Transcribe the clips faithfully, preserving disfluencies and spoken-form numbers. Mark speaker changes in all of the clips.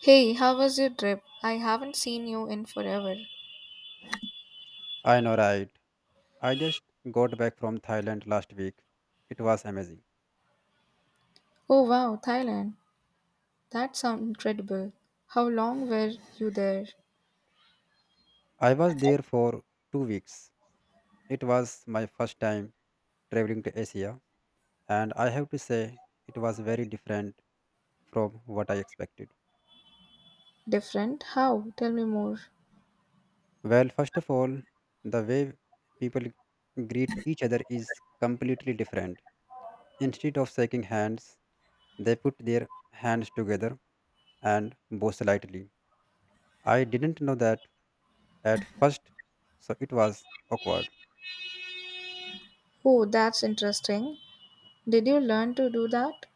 Speaker 1: Hey, how was your trip? I haven't seen you in forever.
Speaker 2: I know, right? I just got back from Thailand last week. It was amazing.
Speaker 1: Oh wow, Thailand. That sounds incredible. How long were you there?
Speaker 2: I was there for two weeks. It was my first time traveling to Asia, and I have to say, it was very different from what I expected.
Speaker 1: Different? How? Tell me more.
Speaker 2: Well, first of all, the way people greet each other is completely different. Instead of shaking hands, they put their hands together and bow slightly. I didn't know that at first, so it was awkward.
Speaker 1: Oh, that's interesting. Did you learn to do that?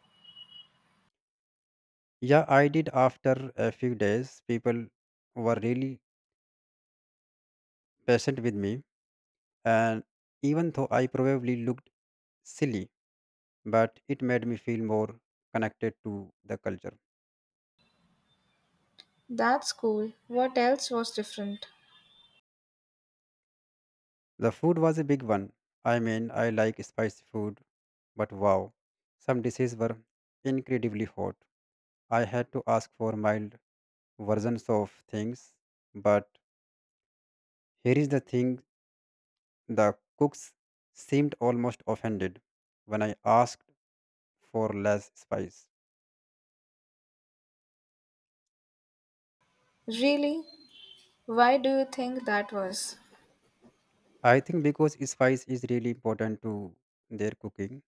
Speaker 2: Yeah, I did after a few days. People were really patient with me, and even though I probably looked silly, but it made me feel more connected to the culture.
Speaker 1: That's cool. What else was different?
Speaker 2: The food was a big one. I mean, I like spicy food, but wow, some dishes were incredibly hot. I had to ask for mild versions of things, but here is the thing. The cooks seemed almost offended when I asked for less spice.
Speaker 1: Really? Why do you think that was?
Speaker 2: I think because spice is really important to their cooking,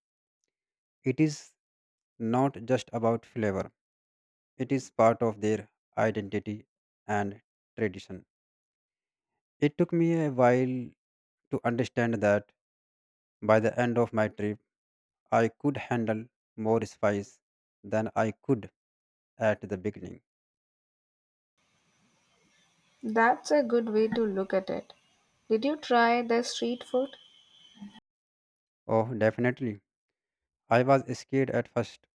Speaker 2: it is not just about flavor, it is part of their identity and tradition. It took me a while to understand that by the end of my trip, I could handle more spice than I could at the beginning.
Speaker 1: That's a good way to look at it. Did you try the street food?
Speaker 2: Oh, definitely. I was scared at first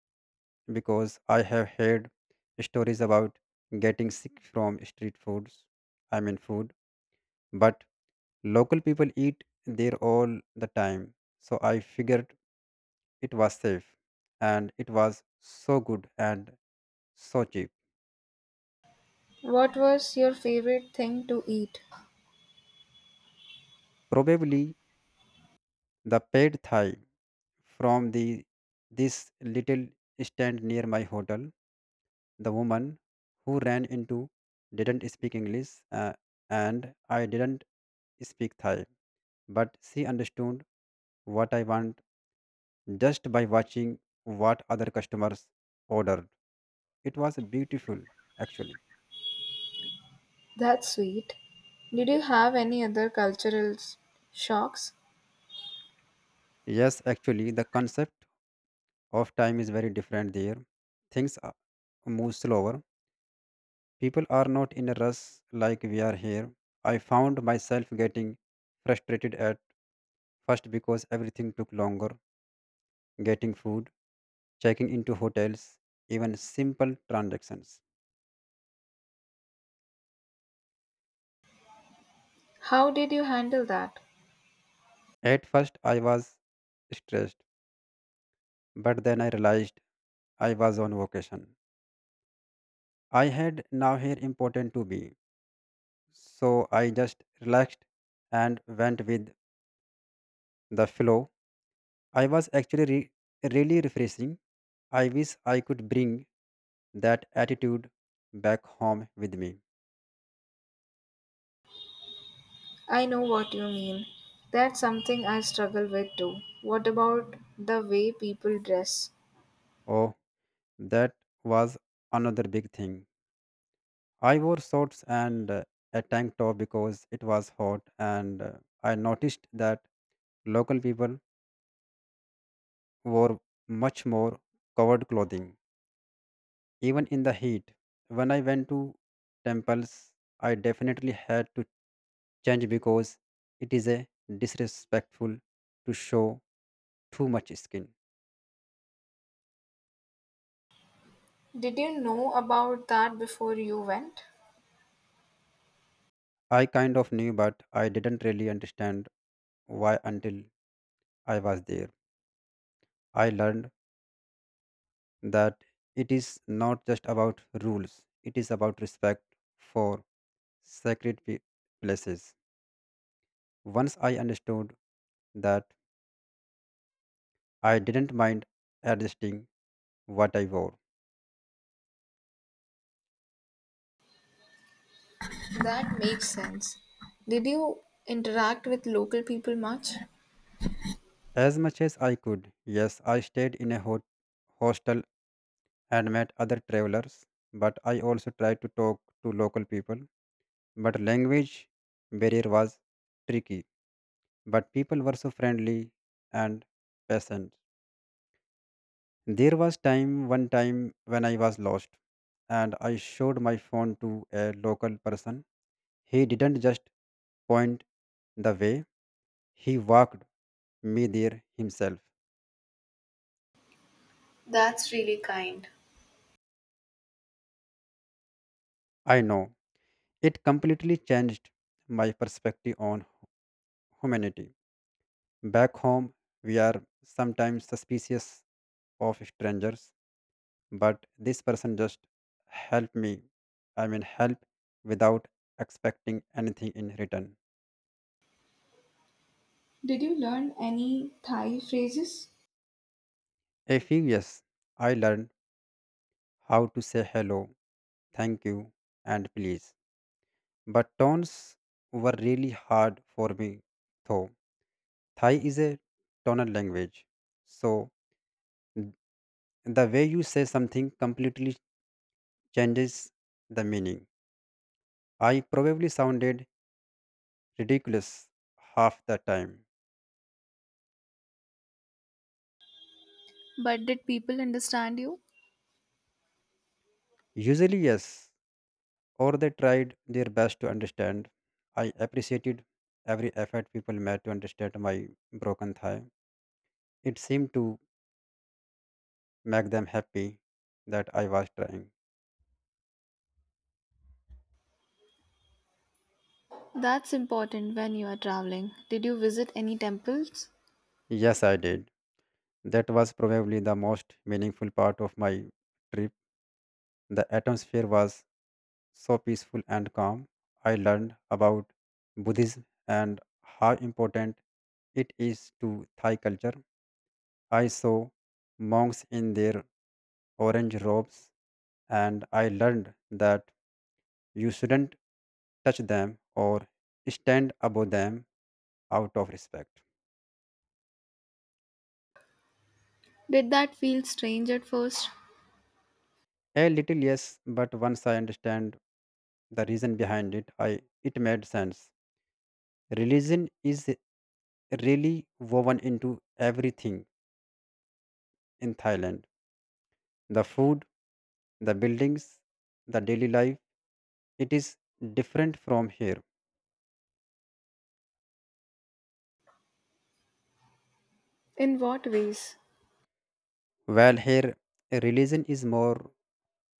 Speaker 2: because I have heard stories about getting sick from street foods. I mean, food, but local people eat there all the time. So I figured it was safe, and it was so good and so cheap.
Speaker 1: What was your favorite thing to eat?
Speaker 2: Probably the pad Thai from the this little stand near my hotel. The woman who ran into didn't speak English, uh, and I didn't speak Thai, but she understood what I want just by watching what other customers ordered. It was beautiful, actually.
Speaker 1: That's sweet. Did you have any other cultural s- shocks?
Speaker 2: Yes, actually, the concept of time is very different there. Things are- move slower. People are not in a rush like we are here. I found myself getting frustrated at first because everything took longer: getting food, checking into hotels, even simple transactions.
Speaker 1: How did you handle that?
Speaker 2: At first, I was stressed, but then I realized I was on vacation. I had now here important to be, so I just relaxed and went with the flow. I was actually re- really refreshing. I wish I could bring that attitude back home with me.
Speaker 1: I know what you mean. That's something I struggle with too. What about the way people dress?
Speaker 2: Oh, that was another big thing. I wore shorts and uh, a tank top because it was hot, and uh, I noticed that local people wore much more covered clothing, even in the heat. When I went to temples, I definitely had to change because it is a disrespectful to show too much skin.
Speaker 1: Did you know about that before you went?
Speaker 2: I kind of knew, but I didn't really understand why until I was there. I learned that it is not just about rules, it is about respect for sacred pe- places. Once I understood that, I didn't mind adjusting what I wore
Speaker 1: That makes sense. Did you interact with local people much?
Speaker 2: as much as I could. Yes, I stayed in a hot- hostel and met other travelers, but I also tried to talk to local people. But language barrier was tricky, but people were so friendly and patient. There was time one time when I was lost and I showed my phone to a local person. He didn't just point the way, he walked me there himself.
Speaker 1: That's really kind.
Speaker 2: I know it completely changed my perspective on humanity. Back home, we are sometimes suspicious of strangers, but this person just helped me. I mean, help without expecting anything in return.
Speaker 1: Did you learn any Thai phrases?
Speaker 2: A few years I learned how to say hello, thank you, and please. But tones were really hard for me, though. Thai is a tonal language, so the way you say something completely changes the meaning. I probably sounded ridiculous half the time.
Speaker 1: But did people understand you?
Speaker 2: Usually, yes, or they tried their best to understand. I appreciated every effort people made to understand my broken Thai. It seemed to make them happy that I was trying.
Speaker 1: That's important when you are traveling. Did you visit any temples?
Speaker 2: Yes, I did. That was probably the most meaningful part of my trip. The atmosphere was so peaceful and calm. I learned about Buddhism and how important it is to Thai culture. I saw monks in their orange robes, and I learned that you shouldn't touch them or stand above them out of respect.
Speaker 1: Did that feel strange at first?
Speaker 2: A little, yes, but once I understand the reason behind it, I it made sense. Religion is really woven into everything in Thailand: the food, the buildings, the daily life. It is different from here.
Speaker 1: In what ways?
Speaker 2: While here religion is more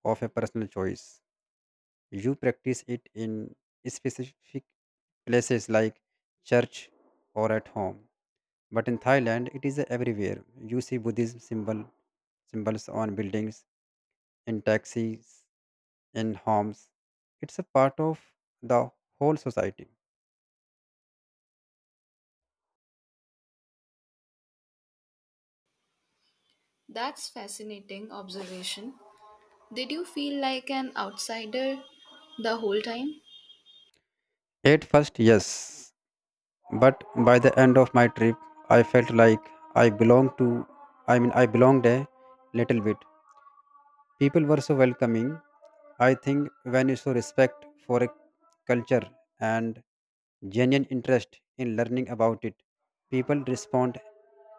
Speaker 2: of a personal choice, you practice it in specific places like church or at home, but in Thailand it is everywhere. You see Buddhism symbol symbols on buildings, in taxis, and homes. It's a part of the whole society.
Speaker 1: That's fascinating observation. Did you feel like an outsider the whole time?
Speaker 2: At first, yes, but by the end of my trip, I felt like I belonged to, I mean, I belonged a little bit. People were so welcoming. I think when you show respect for a culture and genuine interest in learning about it, people respond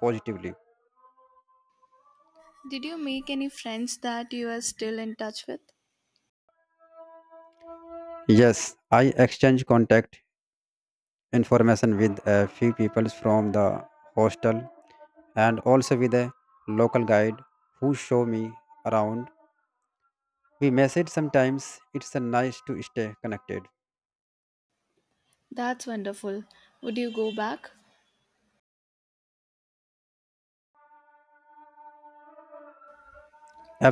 Speaker 2: positively.
Speaker 1: Did you make any friends that you are still in touch with?
Speaker 2: Yes, I exchange contact information with a few people from the hostel and also with a local guide who show me around. We message sometimes. It's a nice to stay connected.
Speaker 1: That's wonderful. Would you go back?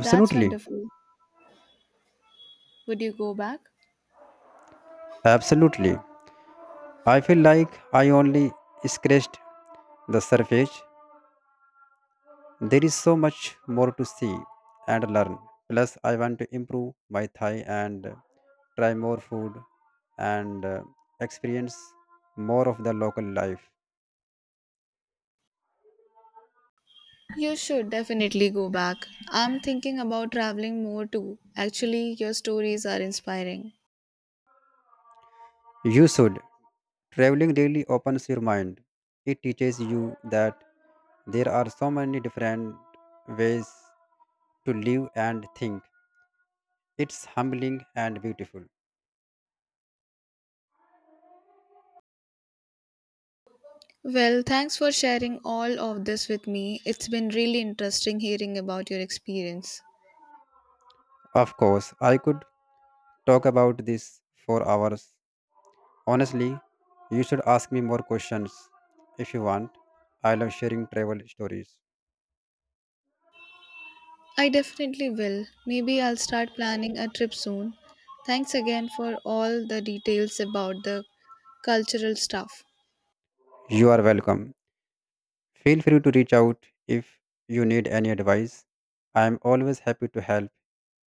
Speaker 1: That's wonderful. Would you go back?
Speaker 2: Absolutely. I feel like I only scratched the surface. There is so much more to see and learn. Plus, I want to improve my Thai and try more food and uh, experience more of the local life.
Speaker 1: You should definitely go back. I'm thinking about traveling more too. Actually, your stories are inspiring.
Speaker 2: You should. Traveling really opens your mind. It teaches you that there are so many different ways to live and think. It's humbling and beautiful.
Speaker 1: Well, thanks for sharing all of this with me. It's been really interesting hearing about your experience.
Speaker 2: Of course, I could talk about this for hours. Honestly, you should ask me more questions if you want. I love sharing travel stories.
Speaker 1: I definitely will. Maybe I'll start planning a trip soon. Thanks again for all the details about the cultural stuff.
Speaker 2: You are welcome. Feel free to reach out if you need any advice. I am always happy to help.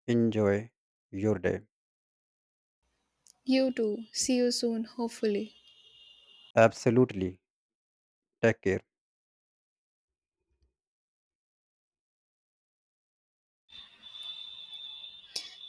Speaker 2: Enjoy your day.
Speaker 1: You too. See you soon, hopefully.
Speaker 2: Absolutely. Take care.